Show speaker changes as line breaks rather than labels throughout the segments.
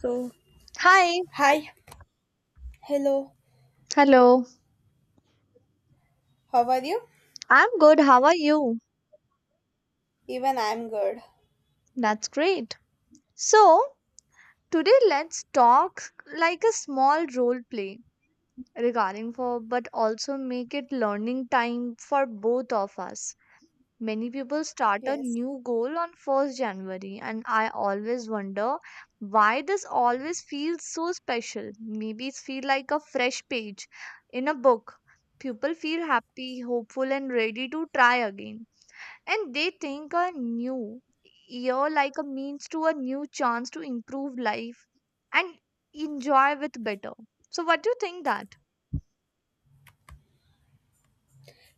So,
Hi.
Hi, hello,
Hello.
how are you?
I'm good. How are you?
Even I'm good.
That's great. So, today let's talk like a small role play regarding for but also make it learning time for both of us. Many people start a
Yes.
new goal on 1st January and I always wonder why this always feels so special. Maybe it feel like a fresh page in a book. People feel happy, hopeful and ready to try again and they think a new year like a means to a new chance to improve life and enjoy with better so what do you think that.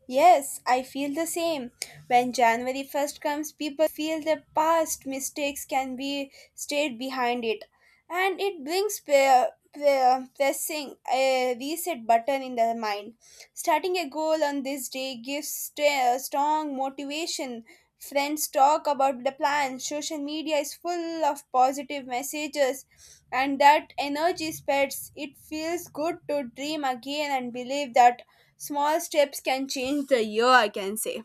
Yes, I feel the same. When January 1st comes, people feel their past mistakes can be stayed behind it. And it brings pressing a reset button in their mind. Starting a goal on this day gives strong motivation. Friends talk about the plan. Social media is full of positive messages, and that energy spreads. It feels good to dream again and believe that small steps can change the year, I can say.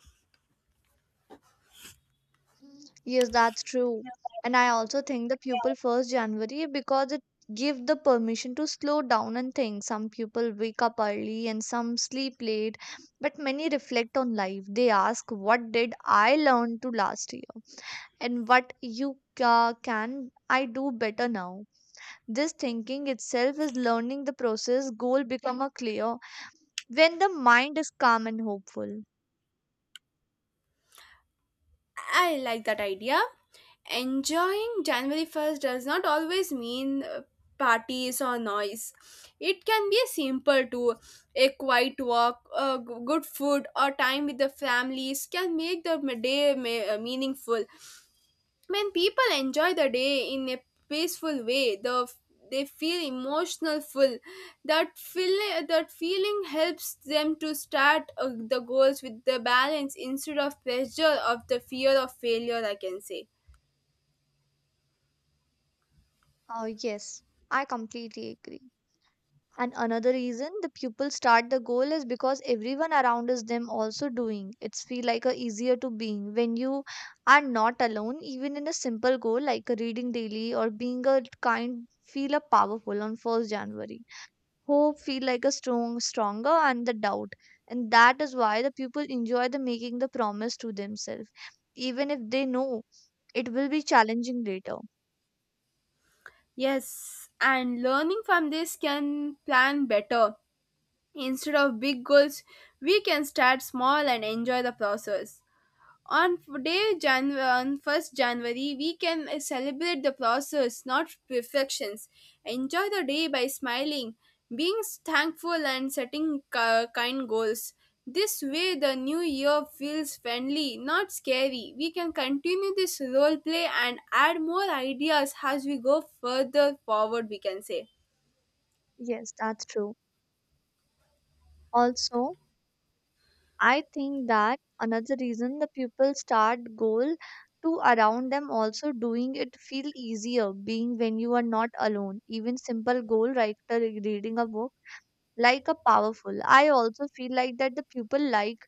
Yes, that's true. And I also think the pupil first January because it give the permission to slow down and think. Some people wake up early and some sleep late, but many reflect on life. They ask, "What did I learn to last year?" and "What you can I do better now?" This thinking itself is learning the process. Goal become a clear when the mind is calm and hopeful.
I like that idea. Enjoying January 1st does not always mean parties or noise. It can be a simple too. A quiet walk, good food, or time with the families can make the meaningful when people enjoy the day in a peaceful way they feel emotional full that feel that feeling helps them to start the goals with the balance instead of pressure of the fear of failure, I can say.
Oh, yes, I completely agree. And another reason the pupil start the goal is because everyone around is them also doing. It's feel like a easier to being when you are not alone. Even in a simple goal like a reading daily or being a kind, feel a powerful on first January. Hope feel like a stronger and the doubt, and that is why the people enjoy the making the promise to themselves even if they know it will be challenging later.
Yes, and learning from this can plan better. Instead of big goals, we can start small and enjoy the process on 1st January, we can celebrate the process, not perfections. Enjoy the day by smiling, being thankful, and setting kind goals. This way, the new year feels friendly, not scary. We can continue this role play and add more ideas as we go further forward, we can say.
Yes, that's true. Also, I think that another reason the people start goal to around them also doing, it feel easier being when you are not alone. Even simple goal writer reading a book like a powerful. I also feel like that the people like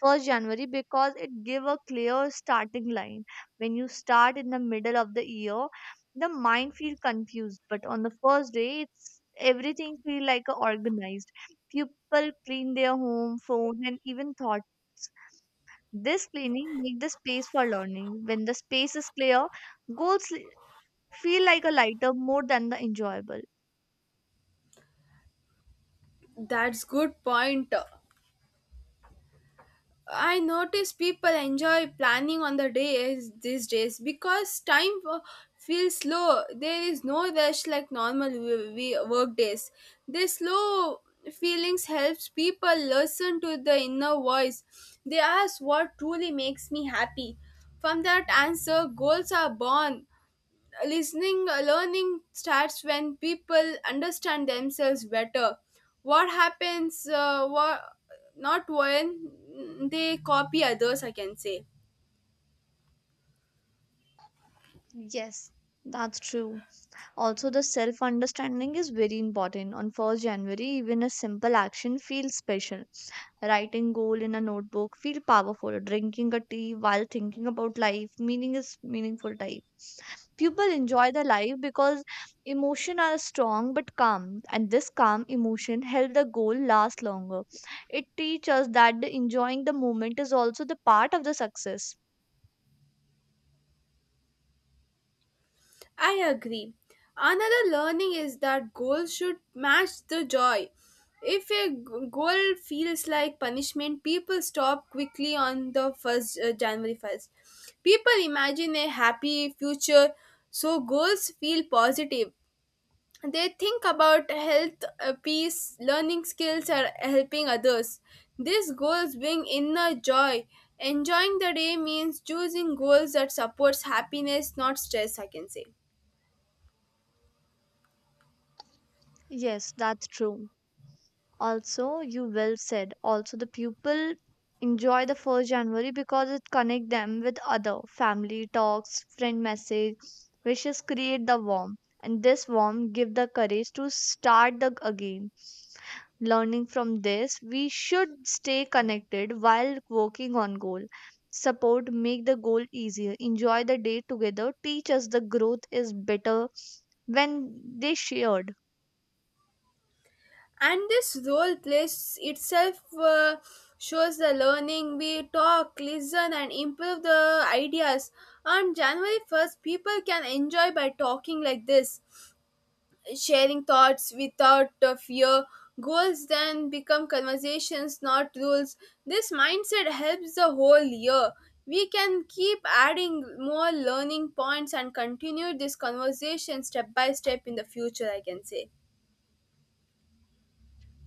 first january because it give a clear starting line. When you start in the middle of the year, the mind feel confused, but on the first day it's everything feel like a organized. People clean their home, phone and even thoughts. This cleaning make the space for learning. When the space is clear, goals feel like a lighter more than the enjoyable.
That's good point. I notice people enjoy planning on the days these days because feels slow. There is no rush like normal we work days. This slow feelings helps people listen to the inner voice. They ask what truly makes me happy. From that answer, goals are born. Listening, learning starts when people understand themselves better, what not when they copy others, I can say.
Yes, that's true. Also, the self understanding is very important. On 1st January, even a simple action feels special. Writing goal in a notebook feel powerful. Drinking a tea while thinking about life, meaning is meaningful type. People enjoy their life because emotion are strong but calm, and this calm emotion help the goal last longer. It teaches us that the enjoying the moment is also the part of the success.
I agree. Another learning is that goals should match the joy. If a g- goal feels like punishment, people stop quickly. On the first January 1st, people imagine a happy future, so goals feel positive. They think about health, peace, learning skills, or helping others. These goals bring inner joy. Enjoying the day means choosing goals that supports happiness, not stress, I can say.
Yes, that's true. Also, you well said, also the pupil enjoy the 1st january because it connect them with other family talks, friend message. Wishes create the warmth, and this warmth give the courage to start the again. Learning from this, we should stay connected while working on goal. Support make the goal easier. Enjoy the day together teach us the growth is better when they shared.
And this role plays itself, shows the learning. We talk, listen, and improve the ideas. On January 1st, people can enjoy by talking like this, sharing thoughts without fear. Goals then become conversations, not rules. This mindset helps the whole year. We can keep adding more learning points and continue this conversation step by step in the future, I can say.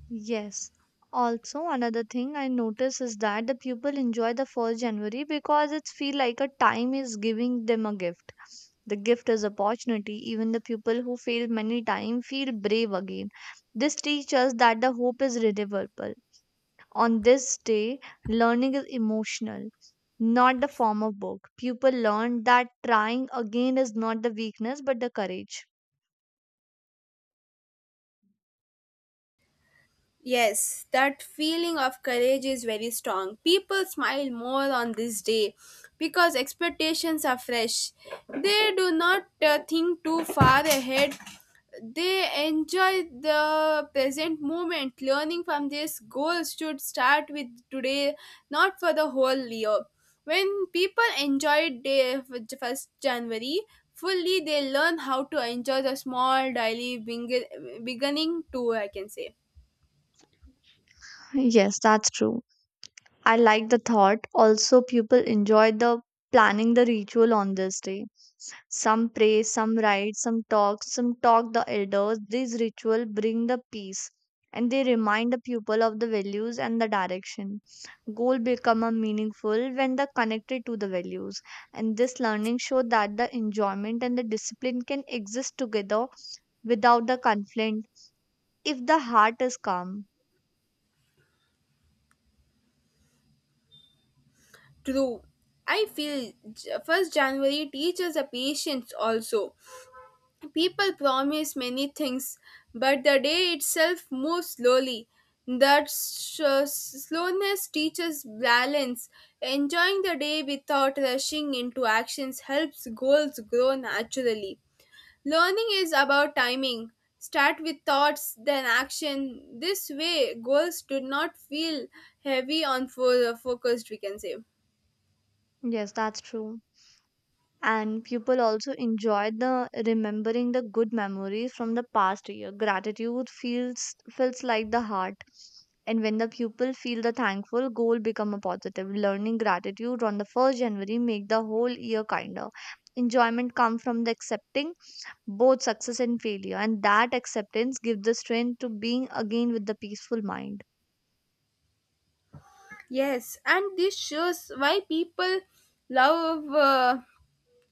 Yes. Also, another thing I notice is that the people enjoy the first January because it's feel like a time is giving them a gift. The gift is opportunity. Even the people who fail many times feel brave again. This teaches us that the hope is renewable. On this day, learning is emotional, not the form of book. People learn that trying again is not the weakness but the courage.
Yes, that feeling of courage is very strong. People smile more on this day because expectations are fresh. They do not think too far ahead. They enjoy the present moment. Learning from this, goal should start with today, not for the whole year. When people enjoy day first January fully, they learn how to enjoy the small daily beginning too, I can say.
Yes, that's true. I like the thought. Also, people enjoy the planning the ritual on this day. Some pray, some write, some talk the elders. These ritual bring the peace and they remind the people of the values and the direction. Goal become a meaningful when they're connected to the values. And this learning show that the enjoyment and the discipline can exist together without the conflict if the heart is calm.
True, I feel first January teaches the patience also. People promise many things, but the day itself moves slowly. That slowness teaches balance. Enjoying the day without rushing into actions helps goals grow naturally. Learning is about timing. Start with thoughts, then action. This way, goals do not feel heavy on focused, we can say.
Yes, that's true. And people also enjoy the remembering the good memories from the past year. Gratitude feels like the heart, and when the pupil feel the thankful, goal become a positive learning. Gratitude on the 1st january make the whole year kinder. Enjoyment come from the accepting both success and failure, and that acceptance gives the strength to being again with the peaceful mind.
Yes, and this shows why people love.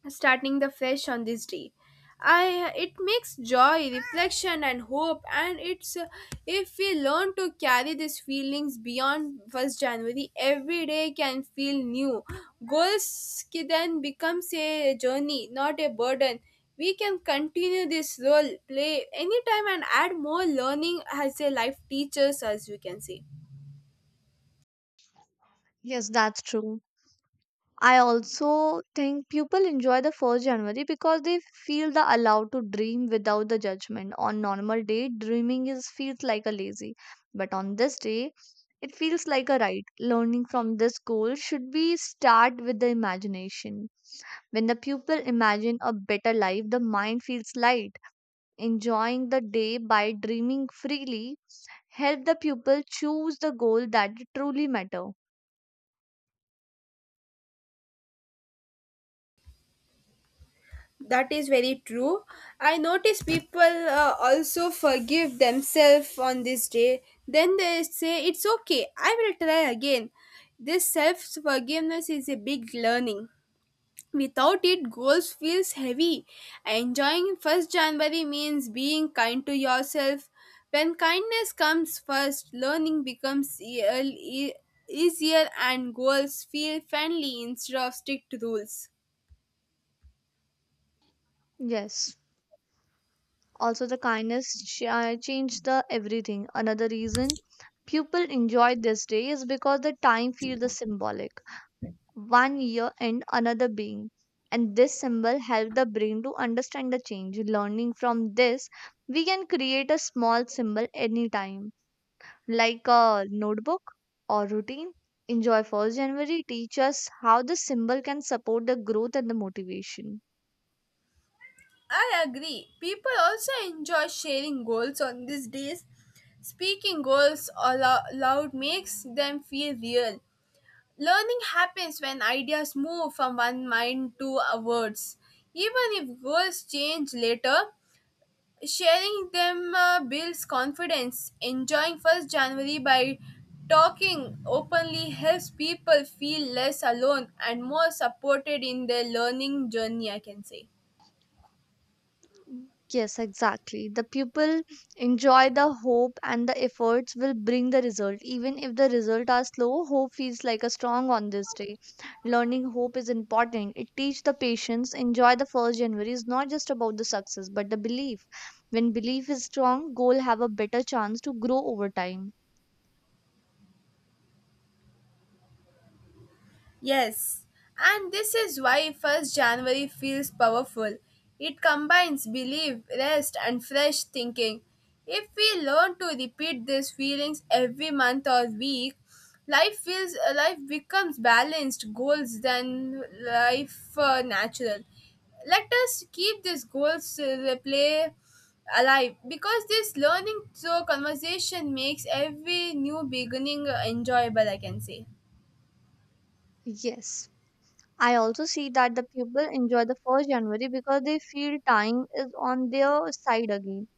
Starting the fresh on this day. I it makes joy, reflection, and hope, and it's if we learn to carry these feelings beyond first January, every day can feel new. Goals then becomes a journey, not a burden. We can continue this role play anytime and add more learning as a life teaches us. We can say.
Yes, that's true. I also think people enjoy the 1st January because they feel the allowed to dream without the judgment. On normal day, dreaming is feels like a lazy, but on this day, it feels like a right. Learning from this goal should be start with the imagination. When the pupil imagine a better life, the mind feels light. Enjoying the day by dreaming freely help the pupil choose the goal that truly matter.
That is very true. I notice people also forgive themselves on this day. Then they say, "It's okay, I will try again." This self forgiveness is a big learning. Without it, goals feels heavy. Enjoying 1st January means being kind to yourself. When kindness comes first, learning becomes easier and goals feel friendly instead of strict rules.
Yes. Also, the kindness changed the everything. Another reason people enjoy this day is because the time feels the symbolic. One year and another being. And this symbol helps the brain to understand the change. Learning from this, we can create a small symbol anytime, like a notebook or routine. Enjoy 1st January teach us how the symbol can support the growth and the motivation.
I agree. People also enjoy sharing goals on these days. Speaking goals aloud makes them feel real. Learning happens when ideas move from one mind to words. Even if goals change later, sharing them builds confidence. Enjoying 1st January by talking openly helps people feel less alone and more supported in their learning journey, I can say.
Yes, exactly. The pupil enjoy the hope and the efforts will bring the result. Even if the result are slow, hope feels like a strong on this day. Learning hope is important. It teach the patience. Enjoy the first January is not just about the success, but the belief. When belief is strong, goal have a better chance to grow over time.
Yes, and this is why 1st January feels powerful. It combines belief, rest, and fresh thinking. If we learn to repeat these feelings every month or week, life becomes balanced goals than life natural. Let us keep these goals play alive because this learning through conversation makes every new beginning enjoyable. I can say.
Yes. I also see that the people enjoy the first January because they feel time is on their side again.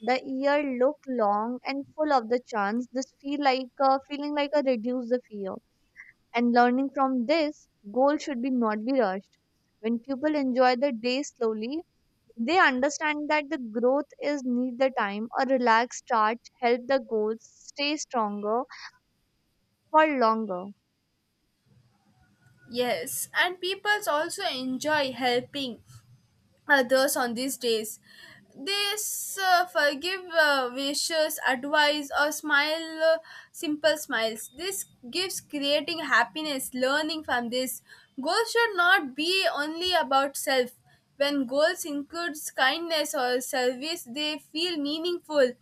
The year look long and full of the chance. This feeling like a reduce the fear. And learning from this, goal should be not be rushed. When people enjoy the day slowly, they understand that the growth is need the time. A relaxed start help the goals stay stronger for longer.
Yes, and people also enjoy helping others on these days. They forgive wishes, advice, or smile simple smiles. This gives creating happiness. Learning from this, goals should not be only about self. When goals includes kindness or service, they feel meaningful.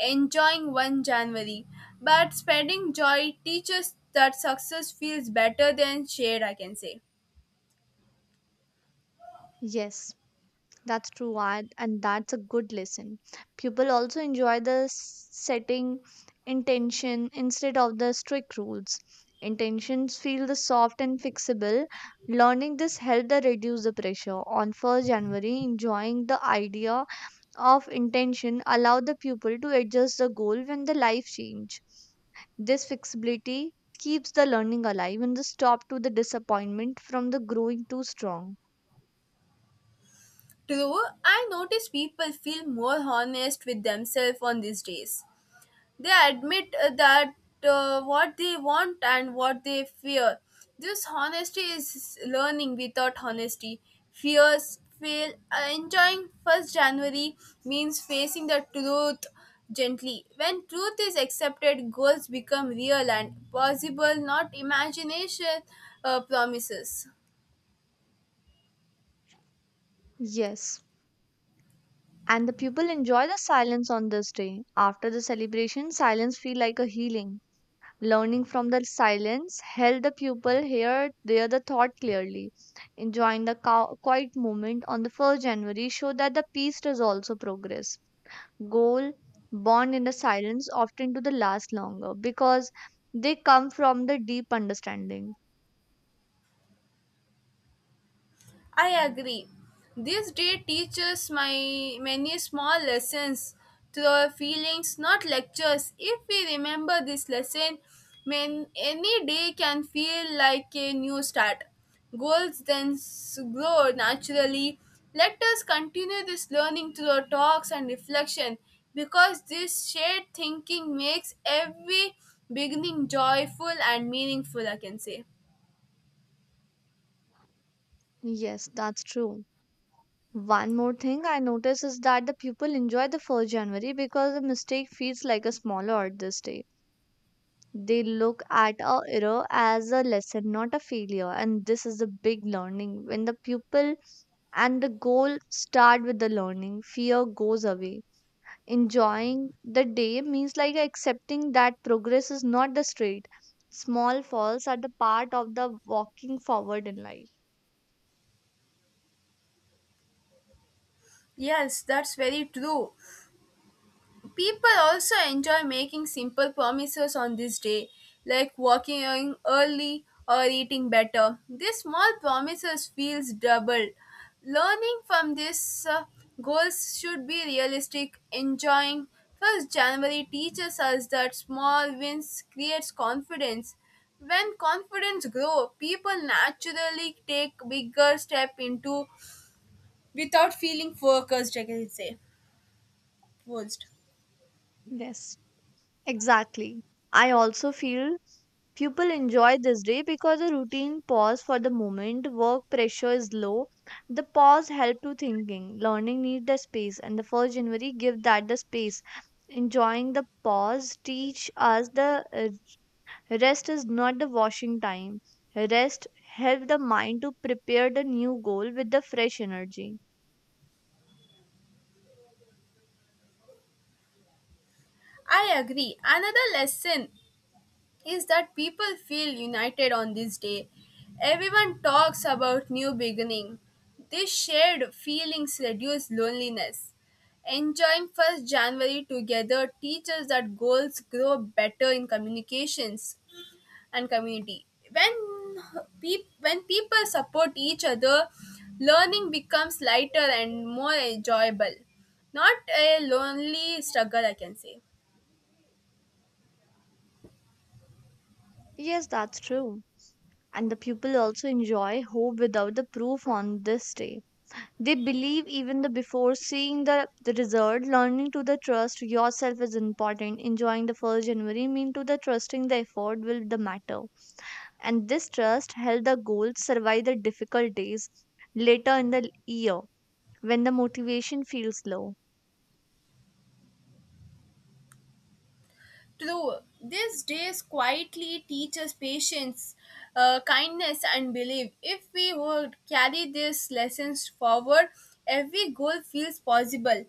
Enjoying 1 January, but spreading joy teaches that success feels better than shared. I can say.
Yes, that's true, and that's a good lesson. People also enjoy the setting intention instead of the strict rules. Intentions feel the soft and fixable. Learning this helped the reduce the pressure on 1st january. Enjoying the idea of intention allow the pupil to adjust the goal when the life change. This flexibility keeps the learning alive and the stop to the disappointment from the growing too strong.
True, I notice people feel more honest with themselves on these days. They admit that what they want and what they fear. This honesty is learning without honesty. Fears fail. Enjoying 1st January means facing the truth gently. When truth is accepted, goals become real and possible, not imagination promises.
Yes, and the people enjoy the silence on this day after the celebration. Silence feel like a healing. Learning from the silence help the pupil hear the thought clearly. Enjoying the quiet moment on the 1st january show that the peace does also progress. Goal born in the silence often to the last longer because they come from the deep understanding.
I agree. This day teaches my many small lessons through our feelings, not lectures. If we remember this lesson, man, any day can feel like a new start. Goals then grow naturally. Let us continue this learning through our talks and reflection because this shared thinking makes every beginning joyful and meaningful, I can say.
Yes, that's true. One more thing I notice is that the people enjoy the 1st January because a mistake feels like a small art this day. They look at a error as a lesson, not a failure, and this is a big learning. When the pupil and the goal start with the learning, fear goes away. Enjoying the day means like accepting that progress is not the straight. Small falls are the part of the walking forward in life.
Yes, that's very true. People also enjoy making simple promises on this day, like walking in early or eating better. These small promises feels double. Learning from these, goals should be realistic. Enjoying first January teaches us that small wins creates confidence. When confidence grow, people naturally take bigger step into without feeling focused. I can say forced.
Yes. Exactly. I also feel people enjoy this day because a routine pause for the moment, work pressure is low. The pause help to thinking, learning need the space, and the first January give that the space. Enjoying the pause teach us the rest is not the washing time. Rest help the mind to prepare the new goal with the fresh energy.
I agree. Another lesson is that people feel united on this day. Everyone talks about new beginning. These shared feelings reduce loneliness. Enjoying 1st January together teaches that goals grow better in communications and community. When people support each other, learning becomes lighter and more enjoyable. Not a lonely struggle, I can say.
Yes, that's true. And the pupil also enjoy hope without the proof on this day. They believe even the before seeing the result, learning to the trust yourself is important. Enjoying the first January mean to the trusting the effort will the matter. And this trust help the goals survive the difficult days later in the year when the motivation feels low.
True, these days quietly teach us patience, kindness, and belief. If we would carry these lessons forward, every goal feels possible.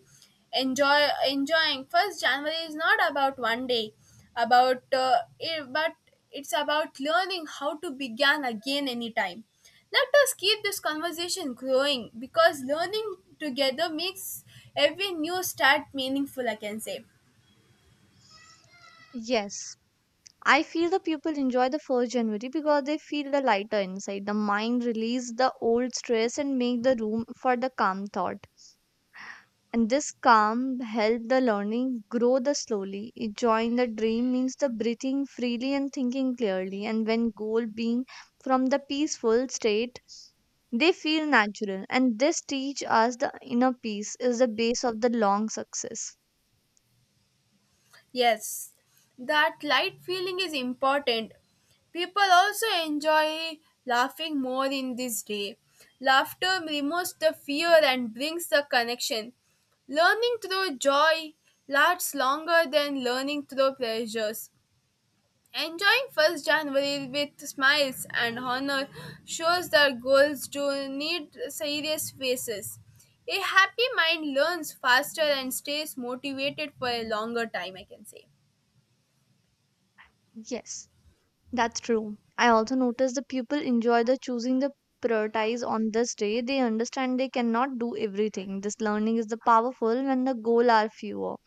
Enjoying. First January is not about one day, but it's about learning how to begin again anytime. Let us keep this conversation growing because learning together makes every new start meaningful. I can say.
Yes. I feel the people enjoy the first January because they feel the lighter inside. The mind release the old stress and make the room for the calm thought. And this calm helped the learning grow the slowly. Enjoying the dream means the breathing freely and thinking clearly. And when goal being from the peaceful state, they feel natural. And this teach us the inner peace is the base of the long success.
Yes, that light feeling is important. People also enjoy laughing more in this day. Laughter removes the fear and brings the connection. Learning through joy lasts longer than learning through pressures. Enjoying 1st January with smiles and honor shows that goals do need serious faces. A happy mind learns faster and stays motivated for a longer time, I can say.
Yes, that's true. I also noticed the people enjoy the choosing the prioritize on this day. They understand they cannot do everything. This learning is the powerful when the goal are fewer.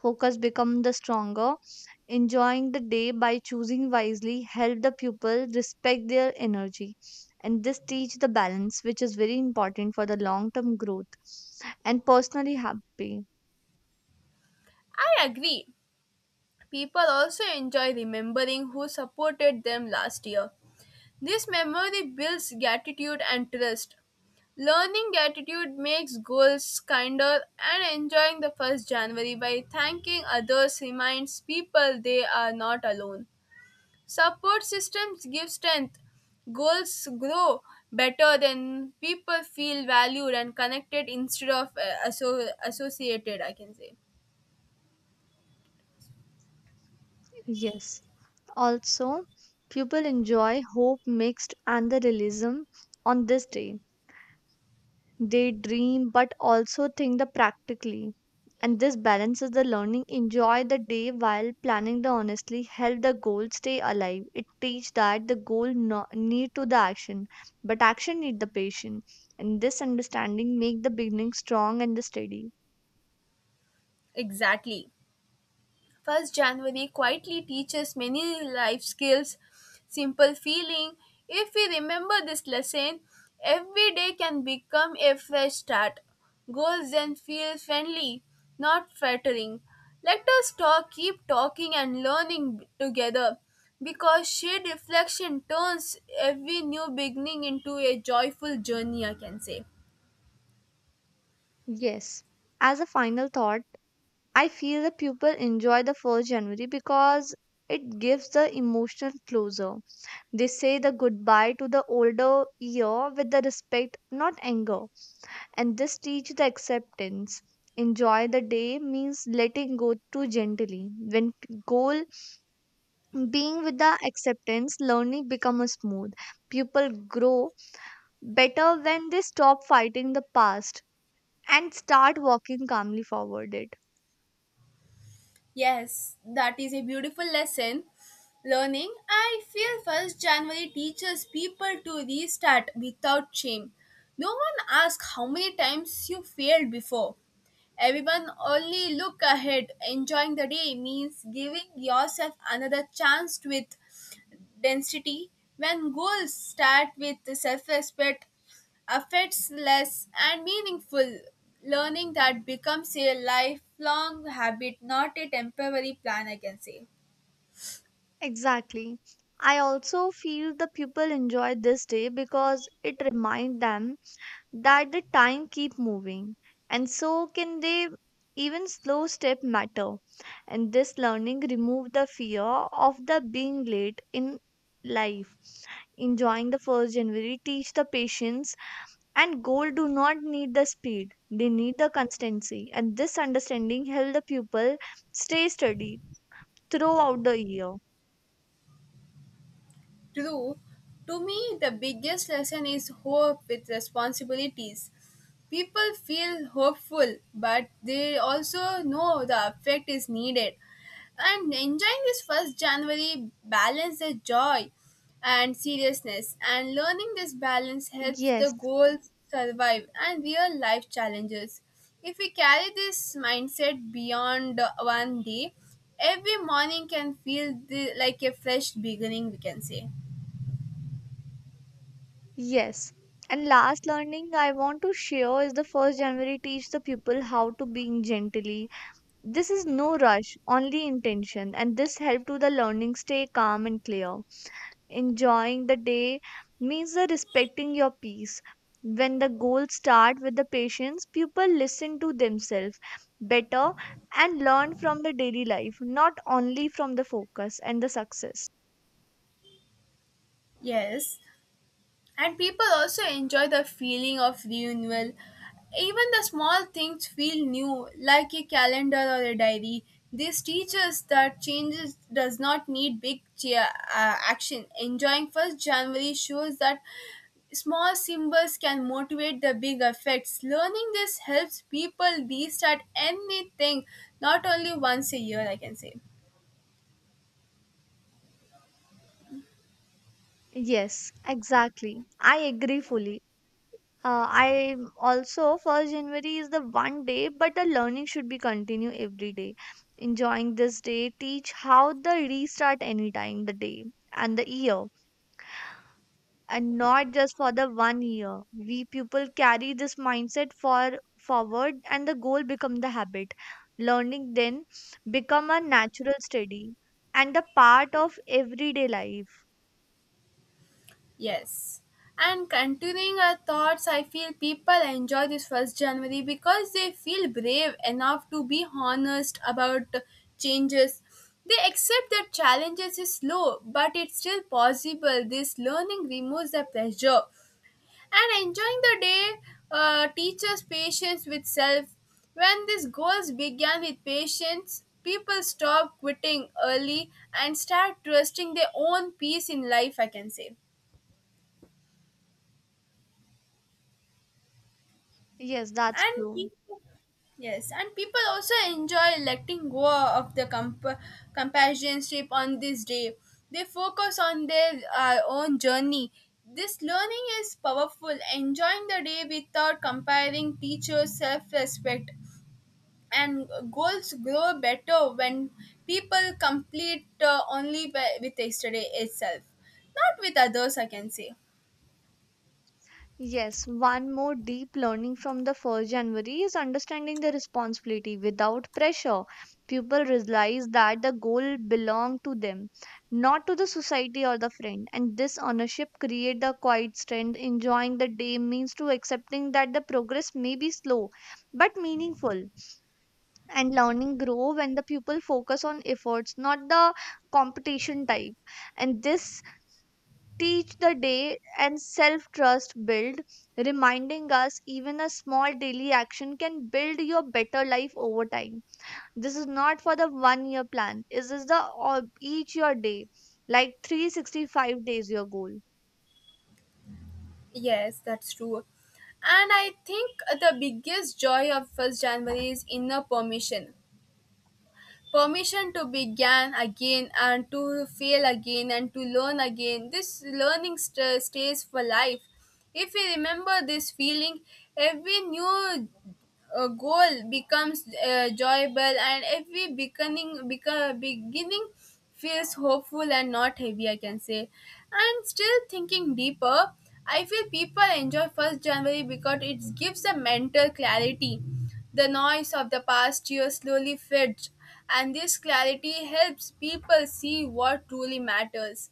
Focus become the stronger. Enjoying the day by choosing wisely help the pupil respect their energy, and this teach the balance which is very important for the long term growth and personally happy.
I agree. People also enjoy remembering who supported them last year. This memory builds gratitude and trust. Learning gratitude makes goals kinder, and enjoying the 1st January by thanking others reminds people they are not alone. Support systems give strength. Goals grow better when people feel valued and connected instead of associated, I can say.
Yes. Also, pupil enjoy hope mixed and the realism on this day. They dream but also think the practically. And this balances the learning. Enjoy the day while planning the honestly. Help the goal stay alive. It teach that the goal no, need to the action, but action need the patience. And this understanding make the beginning strong and the steady.
Exactly. 1st January quietly teaches many life skills, simple feeling. If we remember this lesson, every day can become a fresh start. Goals then feel friendly, not flattering. Let us keep talking and learning together because shared reflection turns every new beginning into a joyful journey, I can say.
Yes. As a final thought, I feel the pupil enjoy the first January because it gives the emotional closure. They say the goodbye to the older year with the respect, not anger. And this teach the acceptance. Enjoy the day means letting go too gently. When goal being with the acceptance, learning becomes smooth. People grow better when they stop fighting the past and start walking calmly forward it.
Yes, that is a beautiful lesson. Learning, I feel 1st January teaches people to restart without shame. No one asks how many times you failed before. Everyone only look ahead. Enjoying the day means giving yourself another chance with density. When goals start with self respect, affects less and meaningful learning that becomes a lifelong habit, not a temporary plan, I can say.
Exactly. I also feel the people enjoy this day because it reminds them that the time keep moving and so can they, even slow step matter, and this learning remove the fear of the being late in life. Enjoying the first january teach the patience, and goal do not need the speed, they need the constancy, and this understanding help the pupil stay steady throughout the year.
True, to me, the biggest lesson is hope with responsibilities. People feel hopeful, but they also know the effect is needed. And enjoying this first January balance the joy and seriousness, and learning this balance helps the
Yes.
goal survive and real life challenges. If we carry this mindset beyond one day, every morning can feel like a fresh beginning, we can say.
Yes. And last learning I want to share is the first January teach the pupil how to being gently. This is no rush, only intention, and this help to the learning stay calm and clear. Enjoying the day means the respecting your peace. When the goals start with the patience, pupil listen to themselves better and learn from the daily life, not only from the focus and the success.
Yes, and people also enjoy the feeling of renewal. Even the small things feel new, like a calendar or a diary. This teaches that changes does not need big action. Enjoying 1st January shows that small symbols can motivate the big effects. Learning this helps people restart anything, not only once a year, I can say.
Yes, exactly. I agree fully. I also first January is the one day, but the learning should be continue every day. Enjoying this day, teach how the restart anytime the day and the year, and not just for the one year. We people carry this mindset for forward, and the goal become the habit. Learning then become a natural study and a part of everyday life.
Yes. And continuing our thoughts, I feel people enjoy this 1st January because they feel brave enough to be honest about changes. They accept that challenges is slow, but it's still possible. This learning removes the pressure. And enjoying the day teaches patience with self. When these goals began with patience, people stop quitting early and start trusting their own peace in life, I can say.
Yes, that's
and
true.
people, yes, and people also enjoy letting go of the companionship on this day. They focus on their own journey. This learning is powerful. Enjoying the day without comparing teachers self-respect, and goals grow better when people complete, with yesterday itself, not with others, I can say.
Yes, one more deep learning from the 1st January is understanding the responsibility without pressure. People realize that the goal belong to them, not to the society or the friend. And this ownership create the quiet strength. Enjoying the day means to accepting that the progress may be slow but meaningful. And learning grow when the people focus on efforts, not the competition type. And this teach the day and self trust build, reminding us even a small daily action can build your better life over time. This is not for the one year plan. This is this the all- each your day, like 365 days your goal.
Yes, that's true. And I think the biggest joy of 1st January is inner permission, permission to begin again and to fail again and to learn again. This learning stays for life. If we remember this feeling, every new goal becomes joyable, and every beginning feels hopeful and not heavy, I can say. And still thinking deeper, I feel people enjoy 1st January because it gives a mental clarity. The noise of the past year slowly fades, and this clarity helps people see what truly matters.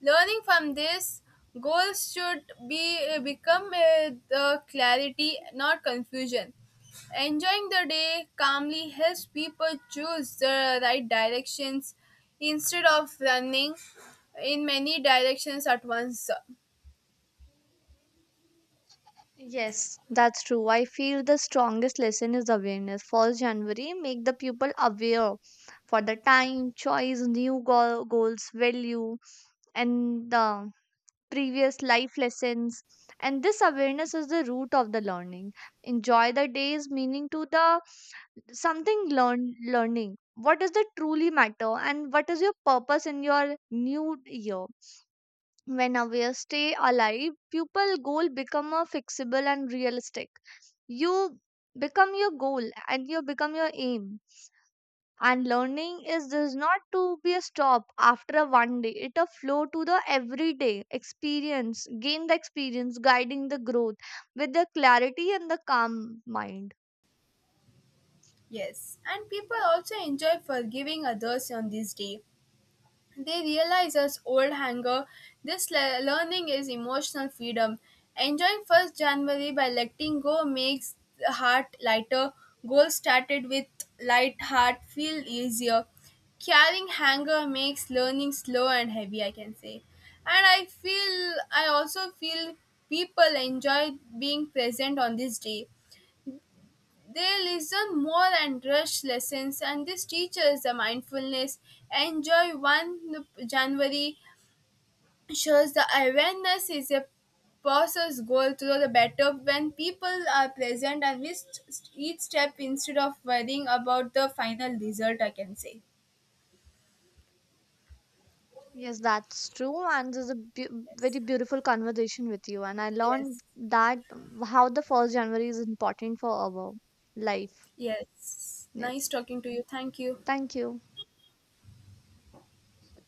Learning from this, goals should be eh, become the clarity, not confusion. Enjoying the day calmly helps people choose the right directions instead of running in many directions at once.
Yes, that's true. I feel the strongest lesson is awareness. First January, make the people aware for the time, choice, new goal, goals, value, and the previous life lessons, and this awareness is the root of the learning. Enjoy the day's meaning to the something learn, learning what does that truly matter and what is your purpose in your new year. When aware stay alive, pupil goal become a fixable and realistic. You become your goal and you become your aim, and learning is does not to be a stop after a one day. It a flow to the everyday experience, gain the experience, guiding the growth with the clarity and the calm mind.
Yes, and people also enjoy forgiving others on this day. They realize as old hanger, this learning is emotional freedom. Enjoying 1st January by letting go makes the heart lighter. Goals started with light heart feel easier. Carrying hanger makes learning slow and heavy, I can say. I also feel people enjoy being present on this day. They listen more and rush lessons, and this teaches the mindfulness. Enjoy 1 January shows the awareness is a process goal through the better when people are present and with each step instead of worrying about the final result, I can say.
Yes, that's true. And this is a beau-
Yes.
very beautiful conversation with you. And I learned
Yes.
that how the first January is important for our life.
Yes. Nice
Yes.
talking to you. Thank you.
Thank you.